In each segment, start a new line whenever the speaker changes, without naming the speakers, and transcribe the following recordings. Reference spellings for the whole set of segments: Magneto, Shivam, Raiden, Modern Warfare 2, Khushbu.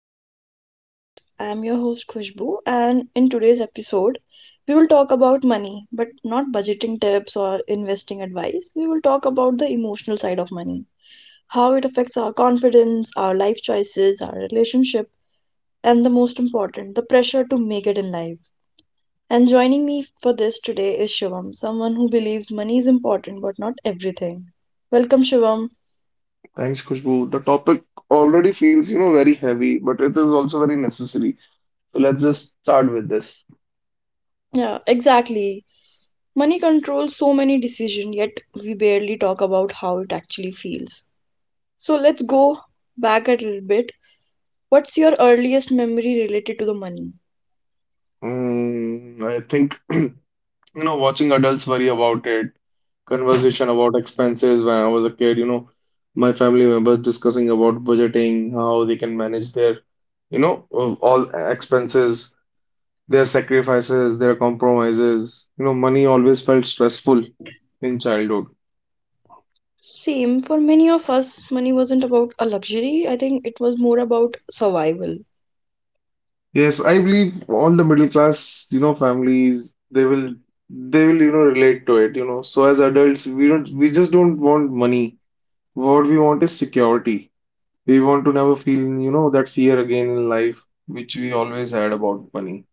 back to the podcast. I am your host Khushbu, and in today's episode, we will talk about money, but not budgeting tips or investing advice. We will talk about the emotional side of money, how it affects our confidence, our life choices, our relationship, and the most important, the pressure to make it in life. And joining me for this today is Shivam, someone who believes money is important but not everything. Welcome, Shivam.
thanks Khushbu. The topic already feels, very heavy, but it is also very necessary. So let's just start with this.
Yeah, exactly. Money controls so many decisions, yet we barely talk about how it actually feels. So let's go back a little bit. What's your earliest memory related to the money?
I think, watching adults worry about it, conversation about expenses when I was a kid, my family members discussing about budgeting, how they can manage their, all expenses, their sacrifices, their compromises. Money always felt stressful in childhood.
Same for many of us, money wasn't about a luxury. I think it was more about survival.
Yes, I believe all the middle class, families, they will, relate to it, So as adults, we just don't want money. What we want is security. We want to never feel, that fear again in life, which we always had about money.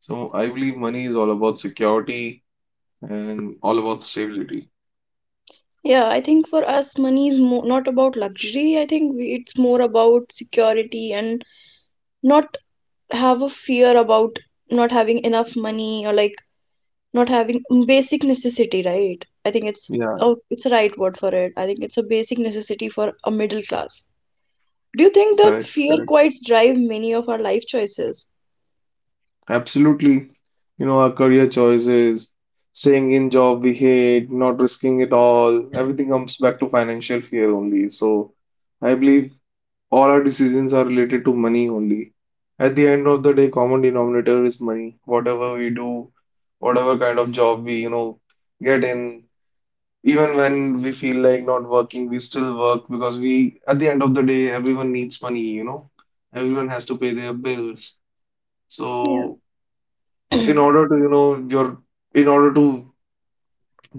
So I believe money is all about security and all about stability.
Yeah, I think for us, money is not about luxury. I think it's more about security and not have a fear about not having enough money, or like not having basic necessity, right? I think it's
Yeah,
oh, it's a right word for it. I think it's a basic necessity for a middle class. Do you think
correct,
that
correct.
fear quite drive many of our life choices?
Absolutely. You know, our career choices, staying in job we hate, not risking it all, everything comes back to financial fear only. So I believe all our decisions are related to money only. At the end of the day, common denominator is money. Whatever we do, whatever kind of job we, get in, even when we feel like not working, we still work because we, at the end of the day, everyone needs money, Everyone has to pay their bills.
Yeah.
So in order to, you know, your in order to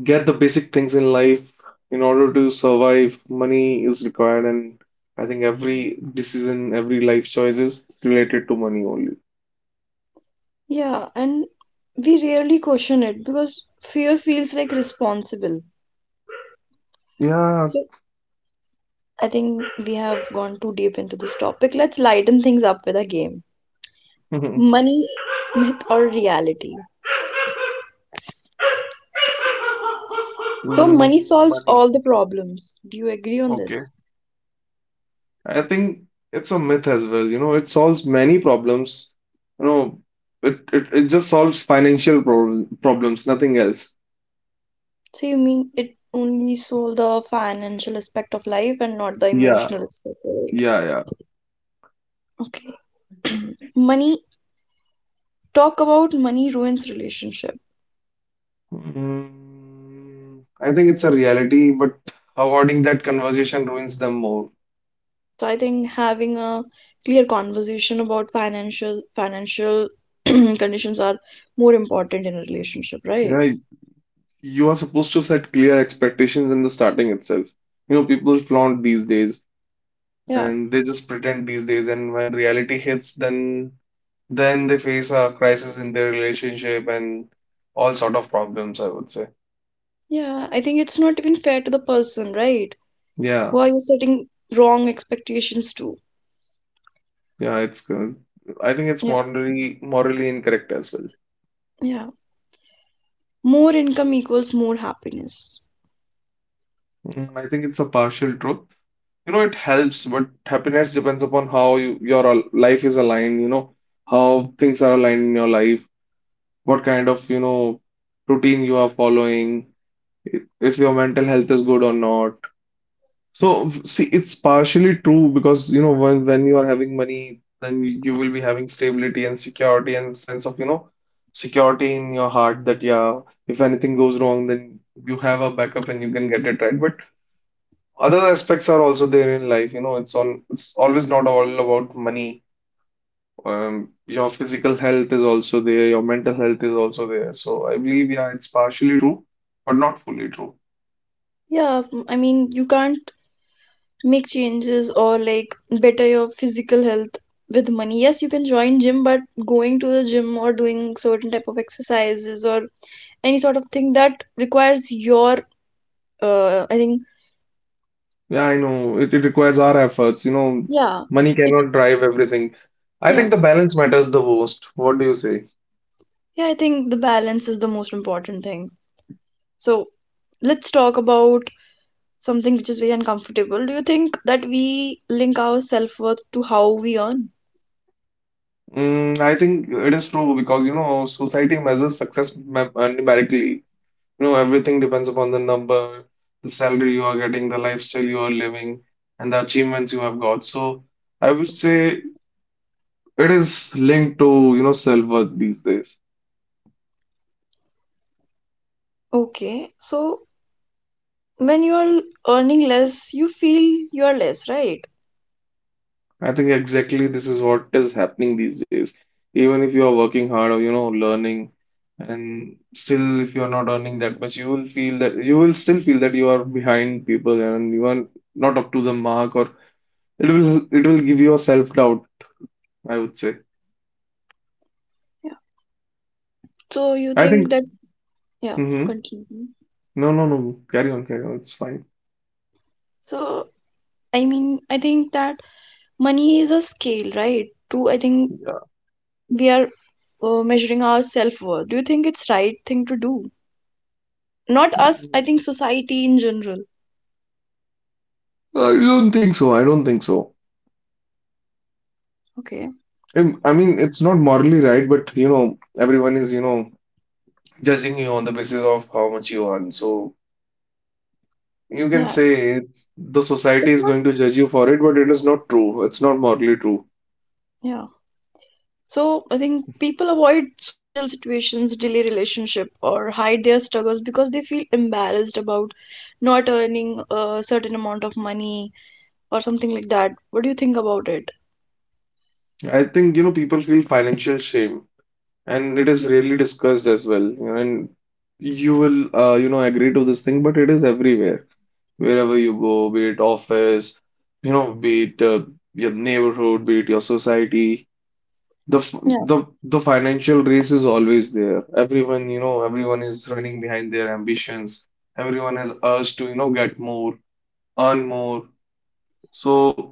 get the basic things in life, in order to survive, money is required, and I think every decision, every life choice is related to money only.
yeah, and we rarely question it because fear feels like responsible.
Yeah,
So I think we have gone too deep into this topic. Let's lighten things up with a game.
mm,
Money, myth or reality? So money solves
money.
all the problems, do you agree on
Okay.
this?
I think it's a myth as well. You know, it solves many problems. You know, it just solves financial problems, nothing else.
So you mean it only sold the financial aspect of life and not the
Yeah,
emotional aspect of it?
yeah, yeah.
Okay. Money, talk about money ruins relationship.
Mm, I think it's a reality, but avoiding that conversation ruins them more.
So I think having a clear conversation about financial conditions are more important in a relationship, right?
Yeah, you are supposed to set clear expectations in the starting itself. You know, people flaunt these days
Yeah.
and they just pretend these days, and when reality hits, then they face a crisis in their relationship and all sort of problems, I would say.
Yeah, I think it's not even fair to the person, right?
Yeah,
Who are you setting wrong expectations to?
yeah, it's good. I think it's
Yeah.
morally incorrect as well.
Yeah. More income equals more happiness.
Mm, I think it's a partial truth. You know, it helps, but happiness depends upon how you, life is aligned, you know, how things are aligned in your life, what kind of, you know, routine you are following, if your mental health is good or not. So see, it's partially true because, when you are having money, then you will be having stability and security and sense of, you know, security in your heart that, yeah, if anything goes wrong, then you have a backup and you can get it right. But other aspects are also there in life, it's all it's always not all about money. Your physical health is also there, your mental health is also there. So I believe, yeah, it's partially true, but not fully true.
Yeah, I mean, you can't make changes or like better your physical health with money. Yes, you can join gym, but going to the gym or doing certain type of exercises or any sort of thing that requires your I think
Yeah, I know. It requires our efforts,
yeah,
money
it
cannot drive everything. I
yeah.
think the balance matters the most. What do you say?
Yeah, I think the balance is the most important thing. So let's talk about something which is very uncomfortable. Do you think that we link our self-worth to how we earn?
I think it is true because, you know, society measures success numerically. You know, everything depends upon the number, the salary you are getting, the lifestyle you are living, and the achievements you have got. So I would say it is linked to, self-worth these days.
Okay, so when you are earning less, you feel you are less, right?
I think exactly this is what is happening these days. Even if you are working hard or, learning, and still if you are not earning that much, you will feel that you are behind people and you are not up to the mark, or it will give you a self-doubt, I would say.
So you
I
think
think.
that, yeah,
Mm-hmm.
continue.
No, no, no. Carry on, carry on. It's fine.
So I mean, I think that money is a scale, right? To I think
Yeah.
we are measuring our self-worth. Do you think it's right thing to do? Not us, I
Mm,
think society in general.
I don't think so.
Okay.
I mean, it's not morally right, but, you know, everyone is, judging you on the basis of how much you earn. So you can
Yeah.
say the society
It's
is
not.
going to judge you for it, but it is not true. It's not morally true.
Yeah. So I think people avoid social situations, delay relationship, or hide their struggles because they feel embarrassed about not earning a certain amount of money or something like that. What do you think about it?
I think, people feel financial shame, and it is rarely discussed as well. You know, and you will, agree to this thing, but it is everywhere. Wherever you go, be it office, be it your neighborhood, be it your society. The f-
Yeah.
the the financial race is always there. Everyone, everyone is running behind their ambitions. Everyone has urge to, get more, earn more. So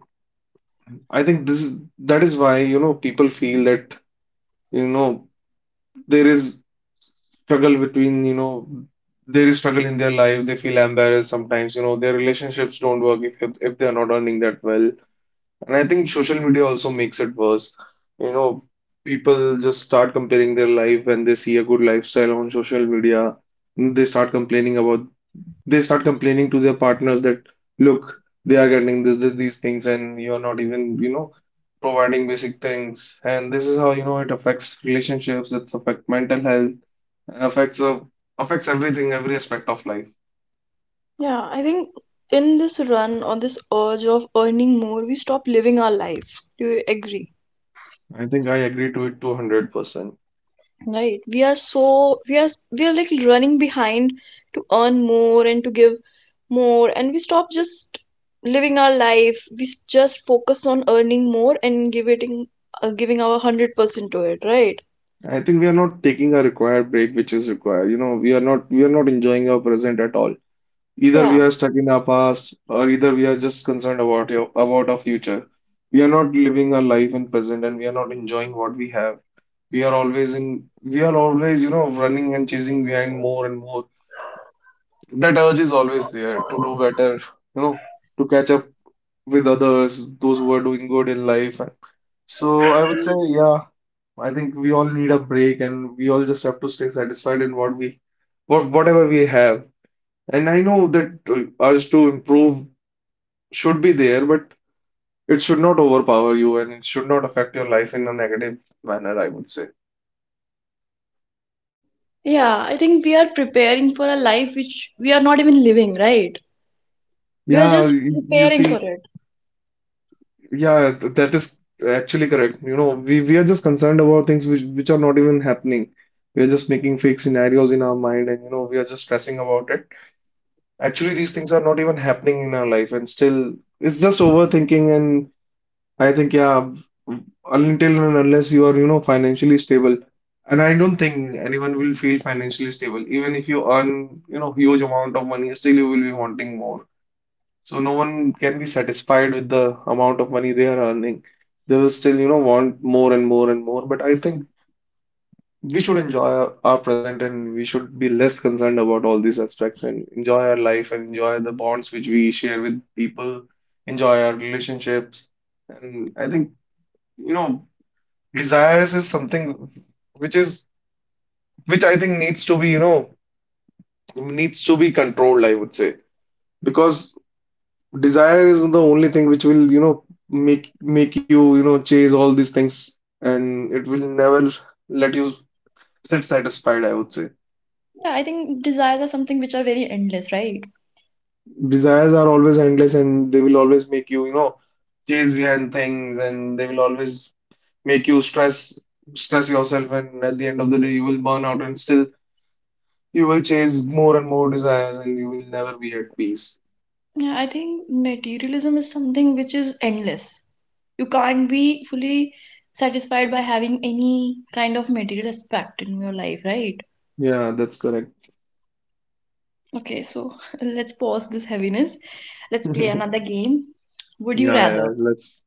I think this is that is why, people feel that, you know, there is struggle between, you know, there is struggle in their life. They feel embarrassed sometimes, their relationships don't work if they are not earning that well. And I think social media also makes it worse. You know, people just start comparing their life when they see a good lifestyle on social media. They start complaining about, they start complaining to their partners that, look, they are getting these things, and you're not even, providing basic things. And this is how, it affects relationships, it's affect mental health, affects uh, affects everything, every aspect of life.
Yeah, I think in this run or this urge of earning more, we stop living our life. Do you agree?
I think I agree to it 200%.
Right. We are so we are like running behind to earn more and to give more, and we stop just living our life. We just focus on earning more and giving giving our 100% to it. Right.
I think we are not taking a required break, which is required. You know, we are not enjoying our present at all. Either we
Yeah.
are stuck in our past, or either we are just concerned about about our future. We are not living our life in present, and we are not enjoying what we have. We are always, running and chasing behind more and more. That urge is always there to do better, you know, to catch up with others, those who are doing good in life. So I would say, yeah, I think we all need a break, and we all just have to stay satisfied in what whatever we have. And I know that urge to improve should be there, but it should not overpower you and it should not affect your life in a negative manner, I would say.
Yeah. I think we are preparing for a life which we are not even living. Right. We are
Yeah,
just
you
preparing for
see,
it.
yeah, that is actually correct. You know, we are just concerned about things which are not even happening. We are just making fake scenarios in our mind and, we are just stressing about it. Actually, these things are not even happening in our life, and still, it's just overthinking. I think, yeah, until and unless you are, financially stable. And I don't think anyone will feel financially stable. Even if you earn, huge amount of money, still you will be wanting more. So no one can be satisfied with the amount of money they are earning. They will still, want more and more and more. But I think we should enjoy our present and we should be less concerned about all these aspects and enjoy our life and enjoy the bonds which we share with people, enjoy our relationships. And I think, you know, desires is something which is which I think needs to be, needs to be controlled, I would say. Because desire is the only thing which will, make you, chase all these things, and it will never let you sit satisfied, I would say.
Yeah, I think desires are something which are very endless, right?
Desires are always endless, and they will always make you, chase behind things, and they will always make you stress yourself, and at the end of the day you will burn out, and still you will chase more and more desires and you will never be at peace.
Yeah, I think materialism is something which is endless. You can't be fully satisfied by having any kind of material aspect in your life, right?
Yeah, that's correct.
Okay, so let's pause this heaviness. Let's play another game. Would you
Yeah,
rather?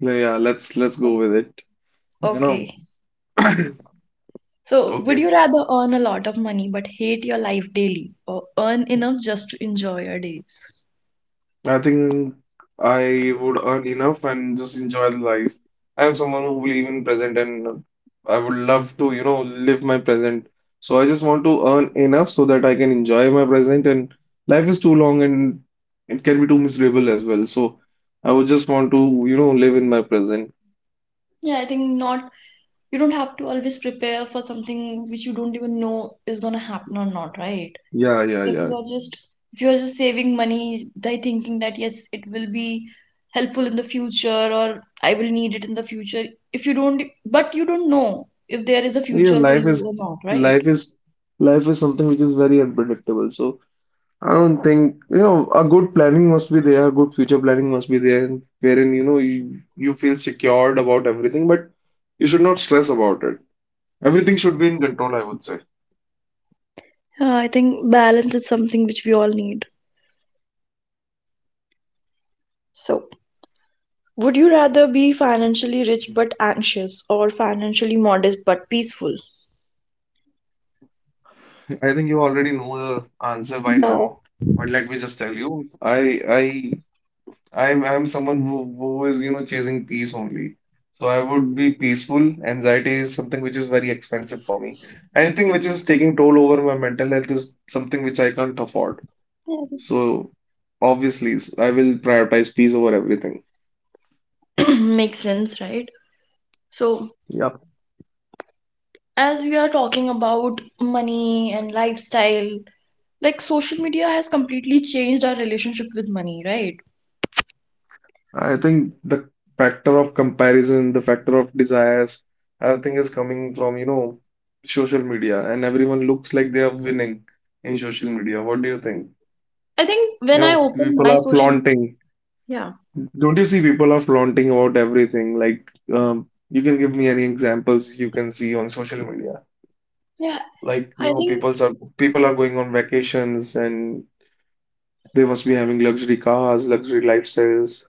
yeah, let's
So,
go with it. You know,
okay. So, would
okay.
you rather earn a lot of money but hate your life daily or earn enough just to enjoy your days?
I think I would earn enough and just enjoy the life. I am someone who believe in present, and I would love to, live my present. So I just want to earn enough so that I can enjoy my present, and life is too long, and it can be too miserable as well. So I would just want to, live in my present.
Yeah, I think not. You don't have to always prepare for something which you don't even know is gonna happen or not, right?
Yeah, yeah,
If you
yeah.
are just, if you are just saving money by thinking that yes, it will be helpful in the future, or I will need it in the future, if you don't, but you don't know if there is a
Yeah,
future for
life
you
is
or not, right?
life is life is something which is very unpredictable. So I don't think, you know, a good planning must be there, good future planning must be there, and wherein, you know, you feel secured about everything, but you should not stress about it. Everything should be in control, I would say.
Yeah, I think balance is something which we all need.
Yep.
So, would you rather be financially rich but anxious or financially modest but peaceful?
I think you already know the answer by now,
Uh,
but let me just tell you, I I'm someone who is, you know, chasing peace only. So I would be peaceful. Anxiety is something which is very expensive for me. Anything which is taking toll over my mental health is something which I can't afford. So obviously, I will prioritize peace over everything.
makes sense, right? So
Yep.
as we are talking about money and lifestyle, like social media has completely changed our relationship with money, right?
I think the factor of comparison, the factor of desires, everything is coming from, you know, social media, and everyone looks like they are winning in social media. What do you think?
I think
You
when I
know,
open
people
my
are
social,
flaunting.
yeah,
Don't you see people are flaunting about everything? Like, you can give me any examples you can see on social media.
yeah,
Like, you
I
know,
think.
people are going on vacations and they must be having luxury cars, luxury lifestyles.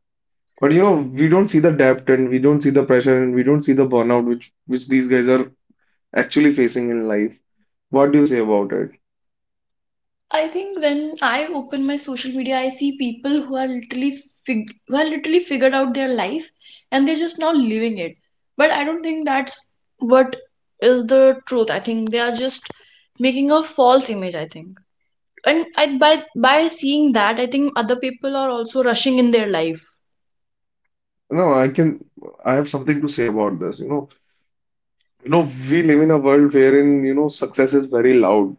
But you know, we don't see the depth and we don't see the pressure and we don't see the burnout which these guys are actually facing in life. What do you say about it?
I think when I open my social media, I see people who are literally fig who are literally figured out their life, and they're just now living it. But I don't think that's what is the truth. I think they are just making a false image, I think. And I, by seeing that, I think other people are also rushing in their life.
No, I have something to say about this. You know, we live in a world wherein, you know, success is very loud.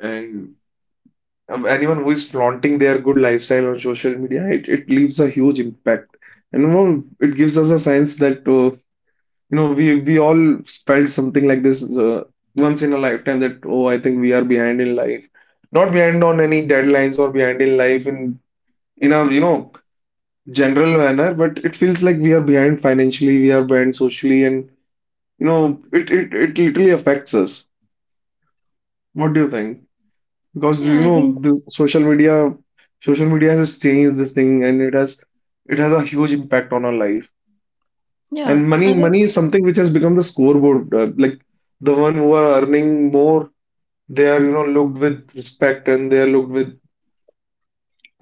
And Anyone who is flaunting their good lifestyle on social media, it leaves a huge impact. And you know, it gives us a sense that you know we all felt something like this once in a lifetime, that oh, I think we are behind in life, not behind on any deadlines or behind in life in a, you know, general manner, but it feels like we are behind financially, we are behind socially, and you know it literally affects us. What do you think? Because
Yeah,
you
I think
know the social media has changed this thing and it has a huge impact on our life,
yeah,
and money
I think
money is something which has become the scoreboard, like the one who are earning more, they are, you know, looked with respect, and they are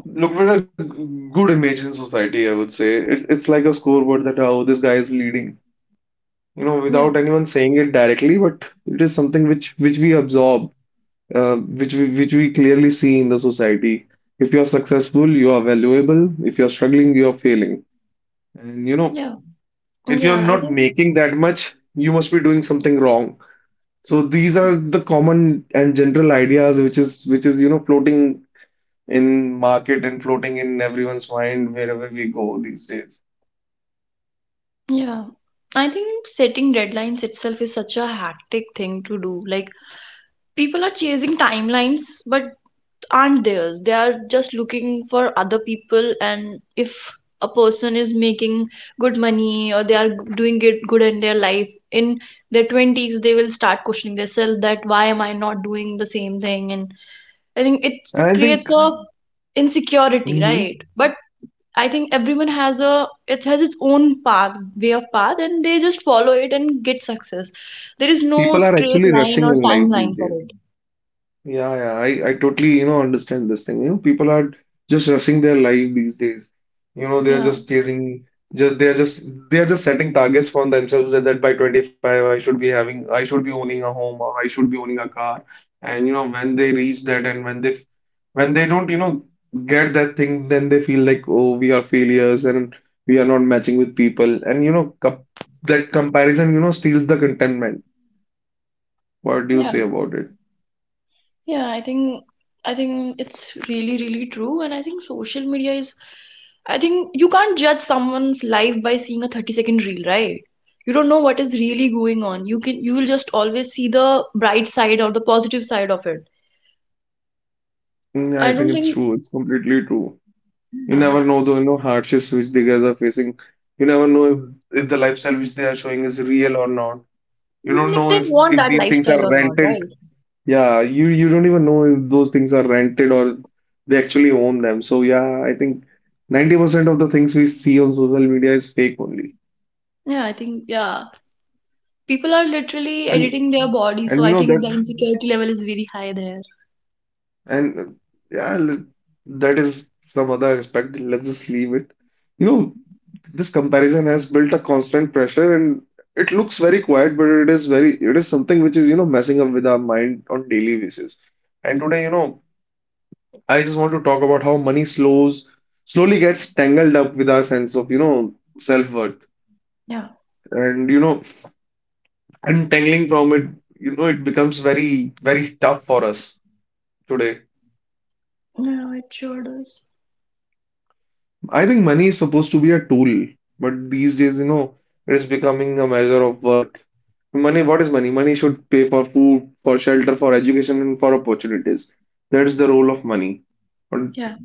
looked with a good image in society, I would say. It's like a scoreboard, that how this guy is leading, you know,
yeah.
without anyone saying it directly, but it is something which we absorb, which we, clearly see in the society. If you're successful, you are valuable. If you're struggling, you are failing. And you know,
Yeah,
if you're
yeah, I
not
think,
making that much, you must be doing something wrong. So these are the common and general ideas which is you know floating in market and floating in everyone's mind wherever we go these days.
yeah, I think setting deadlines itself is such a hectic thing to do. Like, people are chasing timelines, but aren't theirs. They are just looking for other people, and if a person is making good money or they are doing it good in their life in their 20s, they will start questioning themselves that why am I not doing the same thing? And I think it
And I
creates
think
a insecurity,
mhm,
right? But I think everyone has a it has its own path way of path and they just follow it and get success. There is no
People are
straight
actually
line
rushing
or
in life these
timeline for
days.
it.
Yeah, yeah, I totally, you know, understand this thing. You know, people are just rushing their life these days. You know, they're
Yeah.
just chasing, just they're just setting targets for themselves, that by 25 I should be having, I should be owning a home or I should be owning a car. And you know, when they reach that, and when they don't, you know, get that thing, then they feel like, oh, we are failures and we are not matching with people. And you know, com that comparison, you know, steals the contentment. What do you
Yeah.
say about it?
Yeah, I think. I think it's really really true, and I think social media is. I think you can't judge someone's life by seeing a 30-second reel, right? You don't know what is really going on. You can you will just always see the bright side or the positive side of it.
Mm,
I
I think
don't
it's
think
true. It's completely true. You
um,
never know the, you know, hardships which the guys are facing. You never know if the lifestyle which they are showing is real or not. You
even
don't
if
know
they want
if
that
these things
lifestyle
are
or not,
rented.
right?
Yeah, you don't even know if those things are rented or they actually own them. So yeah, I think 90% of the things we see on social media is fake only.
Yeah, I think yeah. People are literally
And
editing their body,
and
so
you
I
know
think
that
the insecurity level is very high there.
And yeah, l- That is some other aspect. Let's just leave it. You know, this comparison has built a constant pressure, and it looks very quiet, but it is it is something which is, you know, messing up with our mind on daily basis. And today, you know, I just want to talk about how slowly gets tangled up with our sense of, you know, self-worth.
Yeah.
And, you know, untangling from it, you know, it becomes very tough for us today.
Yeah, it sure does.
I think money is supposed to be a tool, but these days, you know, it is becoming a measure of worth. Money, what is money? Money should pay for food, for shelter, for education, and for opportunities. That is the role of money. But
Yeah,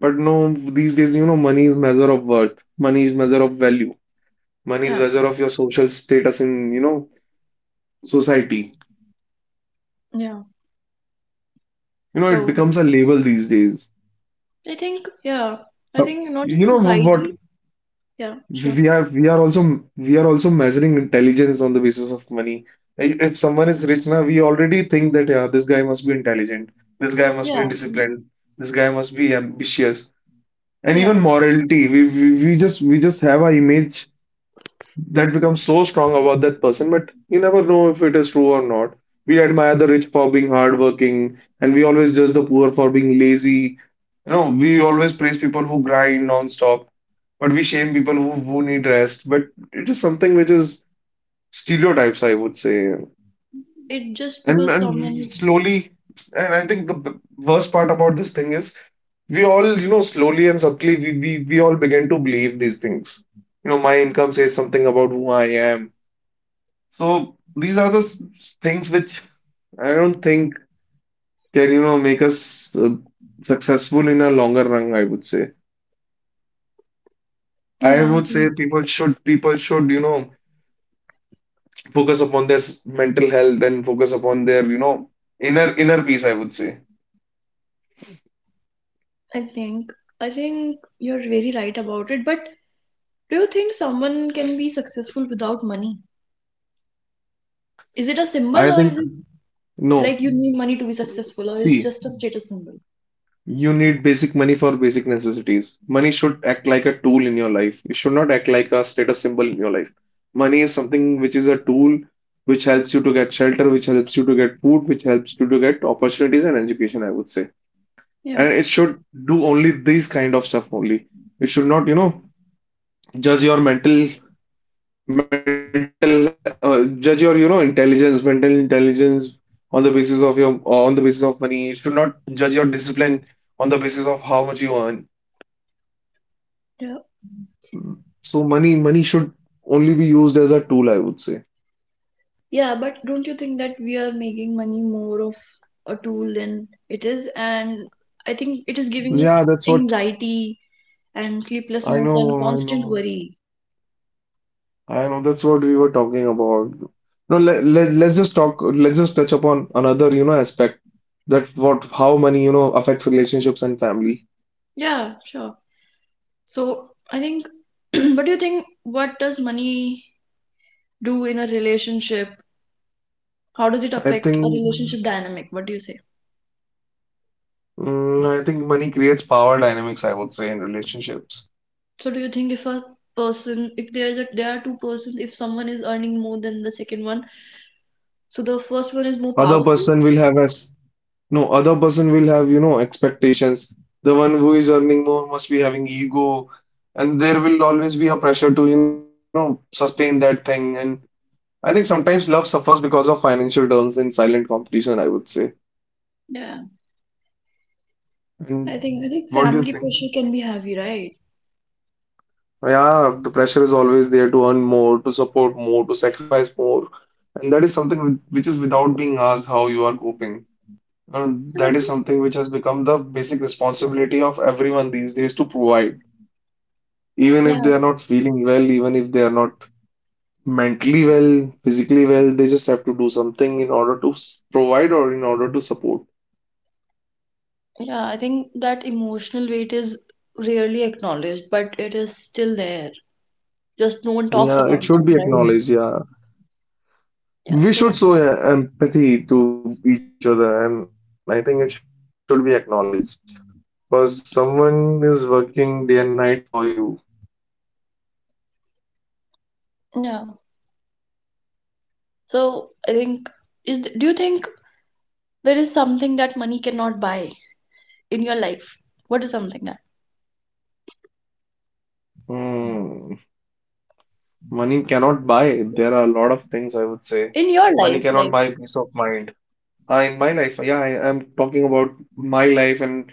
but no, these days, you know, money is measure of worth. Money is measure of value. Money is
yeah,
measure of your social status in, you know, society.
yeah.
You know, it
So
becomes a label these days.
I think yeah. I
So,
think not
you
in
know what,
society. Yeah, sure.
we are also measuring intelligence on the basis of money. If someone is rich now, we already think that yeah, this guy must be intelligent, this guy must
Yeah,
be
I think,
disciplined, this guy must be ambitious, and
yeah.
even morality. We just have our image that becomes so strong about that person, but you never know if it is true or not. We admire the rich for being hardworking, and we always judge the poor for being lazy. You know, we always praise people who grind non-stop, but we shame people who need rest. But it is something which is stereotypes, I would say.
It just because someone
And
is
slowly, and I think the b- Worst part about this thing is we all, you know, slowly and subtly, we all begin to believe these things. You know, my income says something about who I am. So these are the things which I don't think can, you know, make us successful in a longer run, I would say. I
yeah, I
would say
think.
people should, you know, focus upon their mental health and focus upon their, you know, inner peace, I would say.
I think. I think you're very right about it. But do you think someone can be successful without money? Is it a symbol
I
or
think
is it like
no.
you need money to be successful or
See,
it's just a status symbol?
you need basic money for basic necessities. Money should act like a tool in your life. It should not act like a status symbol in your life. Money is something which is a tool which helps you to get shelter, which helps you to get food, which helps you to get opportunities and education, I would say.
Yeah.
And it should do only these kind of stuff only. It should not, you know, judge your judge your, you know, intelligence, mental intelligence on the basis of your, on the basis of money. It should not judge your discipline on the basis of how much you earn.
Yeah.
So money should only be used as a tool, I would say.
Yeah, but don't you think that we are making money more of a tool than it is? And I think it is giving us
Yeah, that's what
anxiety and
I
sleeplessness and
know, I
constant
know,
worry.
I know. That's what we were talking about. No, let's just talk. Let's just touch upon another, you know, aspect, that what how money, you know, affects relationships and family.
Yeah, sure. So I think, what do you think? What does money do in a relationship? How does it
I
affect a
think
relationship dynamic? What do you say?
I think money creates power dynamics, I would say, in relationships.
So do you think if a person, if there is a, there are two persons, if someone is earning more than the second one, so the first one is more
Other
powerful?
person will have a No, other person will have, you know, expectations. The one who is earning more must be having ego, and there will always be a pressure to, you know, sustain that thing. And I think sometimes love suffers because of financial deals in silent competition, I would say.
Yeah. I
And
think. I think
what do you
family
think?
pressure can be heavy, right?
Yeah, the pressure is always there to earn more, to support more, to sacrifice more. And that is something which is without being asked how you are coping. And
And I
that is
think
something which has become the basic responsibility of everyone these days to provide. Even if
yeah,
they are not feeling well, even if they are not mentally well, physically well, they just have to do something in order to provide or in order to support.
yeah, I think that emotional weight is rarely acknowledged, but it is still there. Just no one talks
Yeah,
about
it
that,
should be
right?
acknowledged. Yeah,
Yeah,
we
so
should show empathy to each other, and I think it should be acknowledged because someone is working day and night for you.
yeah. So I think is do you think there is something that money cannot buy in your life? What is something that
Hmm. Money cannot buy. There are a lot of things I would say.
in your
Money
life,
cannot
like
buy peace of mind. In my life, yeah, I'm talking about my life, and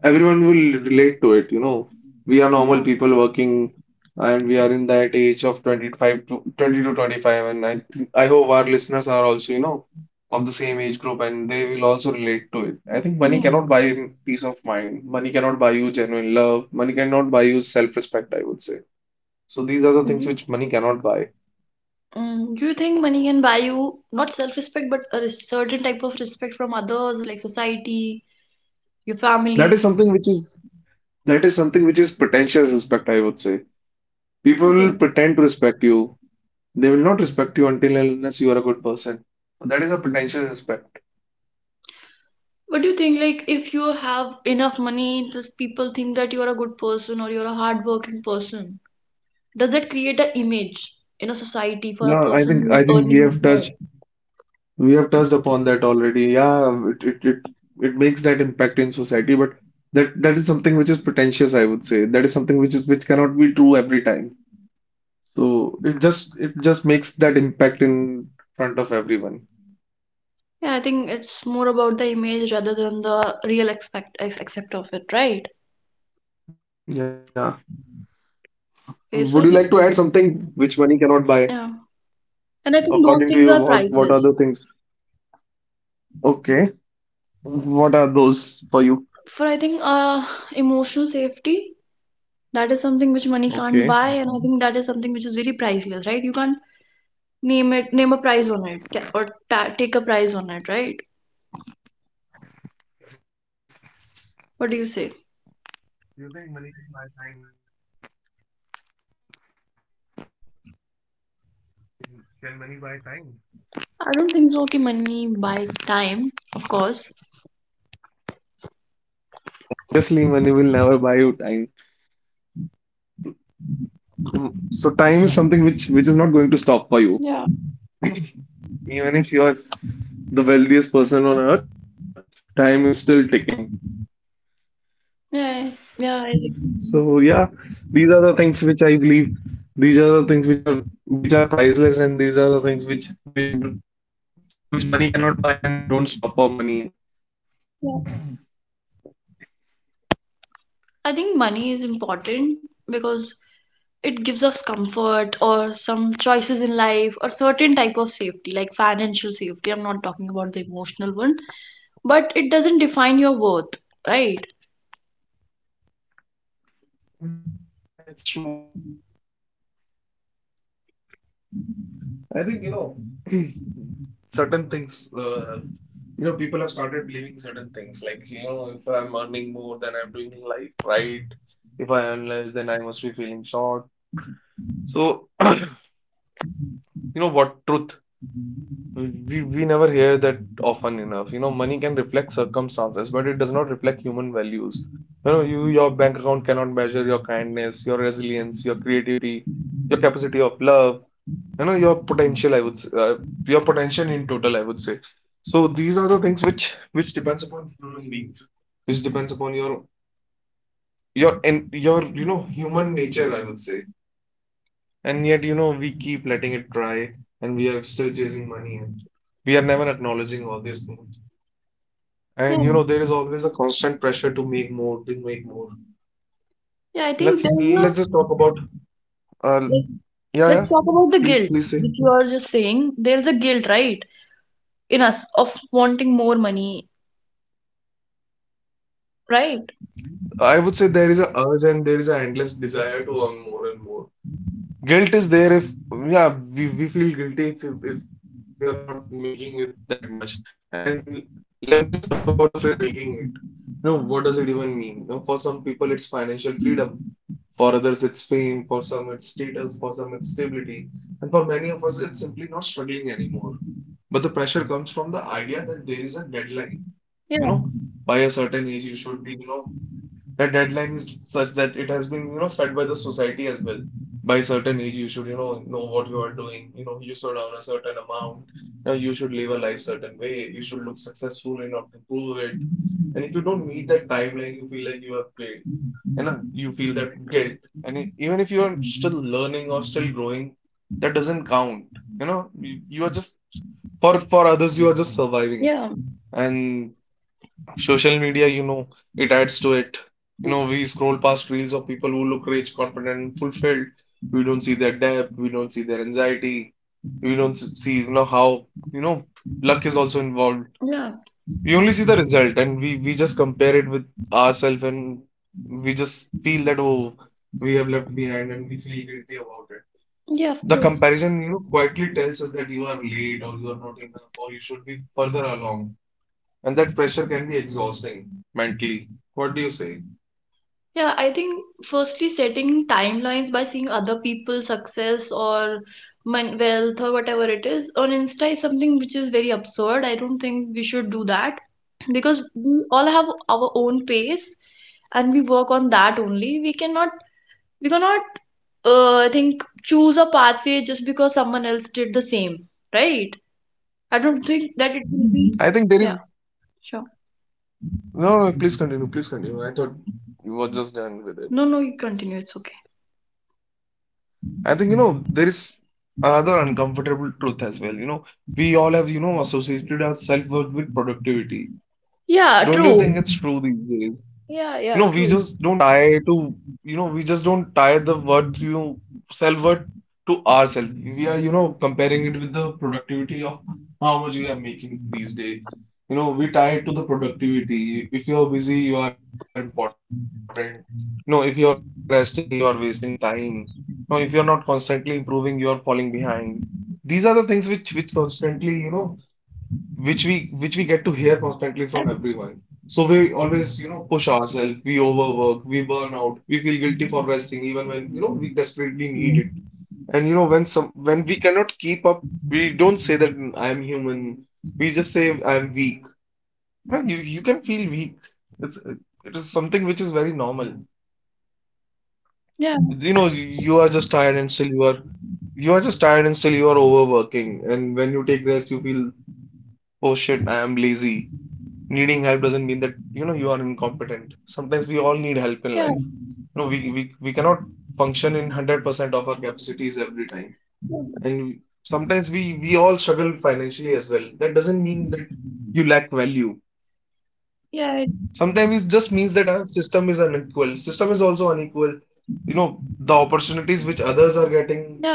everyone will relate to it, you know. We are
yeah,
normal people working, and we are in that age of 25 to 20 to 25, and I think I hope our listeners are also, you know, of the same age group and they will also relate to it. I think money
yeah.
cannot buy peace of mind. Money cannot buy you genuine love. Money cannot buy you self-respect, I would say. So these are the things
Do-
which money cannot buy.
Do you think money can buy you not self-respect, but a certain type of respect from others, like society, your
That is
family.
something which is that is something which is pretentious respect, I would say. People will
Okay.
pretend to respect you. They will not respect you until and unless you are a good person. So that is a potential respect.
What do you think? Like, if you have enough money, does people think that you're a good person or you're a hardworking person? Does that create an image in a society for a
No, I
person
think
who
I
is
think
earning more?
we have touched upon that already. Yeah, it makes that impact in society, but that is something which is pretentious, I would say. That is something which cannot be true every time. So it just makes that impact in front of everyone.
Yeah, I think it's more about the image rather than the real accept of it, right?
Yeah.
Okay, so
Would
I
you
think
like to add something which money cannot buy?
yeah, and I think those
According to
things
you,
are
what are the
priceless.
things? Okay. What are those for you?
For I think emotional safety, that is something which money can't
Okay.
buy, and I think that is something which is very priceless, right? You can't name it, name a price on it, ta- or ta- take a price on it, right? What do you say?
Do you think money can buy time? Can money buy time?
I don't think so. Okay, money buy time, of course.
Obviously, money will never buy you time. So time is something which is not going to stop for you.
Yeah,
Even if you're the wealthiest person on earth, time is still ticking.
yeah, yeah. I
So
think,
yeah, these are the things which I believe. These are the things which are priceless, and these are the things which money cannot buy and don't stop for money.
yeah. I think money is important because it gives us comfort or some choices in life or certain type of safety, like financial safety. I'm not talking about the emotional one, but it doesn't define your worth, right?
Yeah, it's true. I think, certain things, people have started believing certain things. Like, if I'm earning more, then I'm doing life right. If I earn less, then I must be feeling short. So, you know what, truth. We never hear that often enough. Money can reflect circumstances, but it does not reflect human values. Your bank account cannot measure your kindness, your resilience, your creativity, your capacity of love. Your potential, your potential in total, I would say. So these are the things which depends upon human beings, which depends upon your human nature, I would say. And yet, we keep letting it dry, and we are still chasing money, and we are never acknowledging all these things. And
Yeah,
there is always a constant pressure to make more, to make more.
yeah. I think
let's
there's a
let's just talk about, uh yeah,
let's
yeah.
talk about the guilt,
Please say.
which you are just saying. There's a guilt, right, in us of wanting more money, right?
I would say there is a urge and there is an endless desire to earn more and more. Guilt is there if — yeah, we feel guilty if we are not making it that much. And let me just talk about the phrase making it. What does it even mean? For some people it's financial freedom, for others it's fame, for some it's status, for some it's stability, and for many of us it's simply not struggling anymore. But the pressure comes from the idea that there is a deadline.
Yeah,
You know, by a certain age you should be, that deadline is such that it has been, set by the society as well. By certain age, you should, know what you are doing. You should earn a certain amount. Now, you should live a life certain way. You should look successful enough to prove it. And if you don't meet that timeline, you feel like you have failed. You feel that guilt. And even if you are still learning or still growing, that doesn't count. You know, you are just for others, you are just surviving.
yeah,
And social media, it adds to it. We scroll past reels of people who look rich, confident, and fulfilled. We don't see their debt, we don't see their anxiety, we don't see, how, luck is also involved.
yeah,
We only see the result, and we just compare it with ourselves, and we just feel that, oh, we have left behind, and we feel guilty about it.
yeah, of course.
The comparison, quietly tells us that you are late, or you are not enough, or you should be further along. And that pressure can be exhausting mentally. What do you say?
Yeah, I think firstly setting timelines by seeing other people's success or wealth or whatever it is on Insta is something which is very absurd. I don't think we should do that because we all have our own pace and we work on that only. We cannot I think choose a pathway just because someone else did the same, right? I don't think that it will
I
be
think
mhm.
there is —
Yeah, sure.
no, no, please continue, please continue. I thought you were just done with it.
No, no, you continue, it's okay.
I think there is another uncomfortable truth as well. We all have associated our self-worth with productivity.
Yeah,
Don't you think
true.
it's true these days?
Yeah,
You know,
yeah,
we
true.
just don't tie to, we just don't tie the worth, you self worth, to ourselves. We are, comparing it with the productivity of how much we are making these days. We tie it to the productivity. If you're busy, you are important. If you're resting, you are wasting time. If you're not constantly improving, you are falling behind. These are the things which constantly, which we get to hear constantly from
I think-
everyone. So we always, push ourselves, we overwork, we burn out, we feel guilty for resting even when, we desperately need it.
mhm.
And when some when we cannot keep up, we don't say that, "Mm, I'm human. We just say I'm weak." Right? You can feel weak. It's it is something which is very normal.
Yeah,
You are just tired and still you are just tired and still you are overworking. And when you take rest, you feel, oh shit, I am lazy. Needing help doesn't mean that you are incompetent. Sometimes we all need help in life.
yeah.
We cannot function in 100% of our capacities every time.
Yeah, it-
And sometimes we all struggle financially as well. That doesn't mean that you lack value.
yeah,
Sometimes it just means that our system is unequal. System is also unequal. The opportunities which others are getting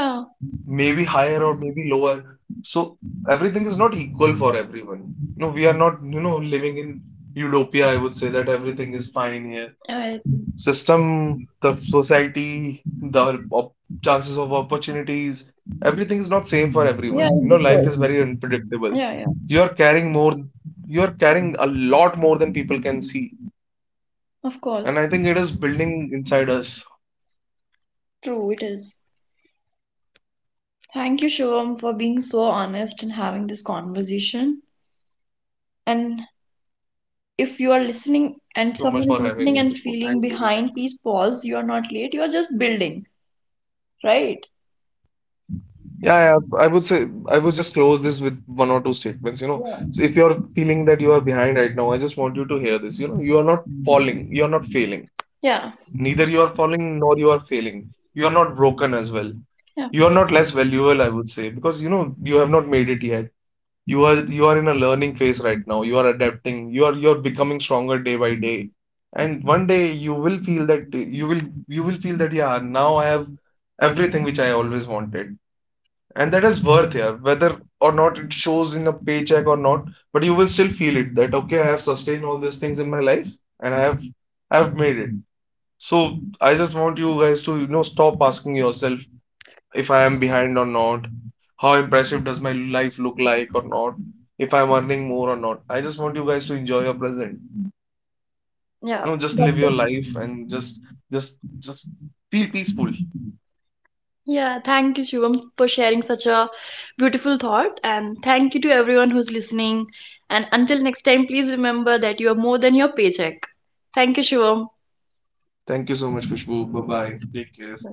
maybe higher or maybe lower. So everything is not equal for everyone. No, we are not, living in utopia. I would say that everything is fine here.
yeah, it,
System, the society, the op chances of opportunities, everything is not same for
yeah,
everyone. You
it
know, life is
differs.
very unpredictable.
Yeah, yeah,
You are carrying more, you are carrying a lot more than people can see.
of
And
course.
I think it is building inside us.
True, it is. Thank you, Shivam, for being so honest and having this conversation. And if you are
Thank you so
listening
much for
and
having me,
someone is
Khushbu.
listening
Thank
and
you.
feeling behind, please pause. You are not late. You are just building, right?
Yeah, yeah, I would just close this with one or two statements. You know,
Yeah.
so if you're feeling that you are behind right now, I just want you to hear this. You are not falling, you are not failing.
Yeah.
Neither you are falling nor you are failing. You are not broken as well.
Yeah.
You are not less valuable, I would say, because you have not made it yet. You are in a learning phase right now. You are adapting. You're becoming stronger day by day. And one day you will feel that yeah, now I have everything which I always wanted. And that is worth, yeah, whether or not it shows in a paycheck or not, but you will still feel it that okay, I have sustained all these things in my life, and I've made it. So I just want you guys to, stop asking yourself if I am behind or not, how impressive does my life look like or not, if I'm earning more or not. I just want you guys to enjoy your present.
Yeah.
Just live
That's
your
it.
life and just feel peaceful.
Yeah. Thank you, Shivam, for sharing such a beautiful thought. And thank you to everyone who's listening. And until next time, please remember that you are more than your paycheck. Thank you, Shivam.
Thank you so much, Kushbu. Bye bye. Take care.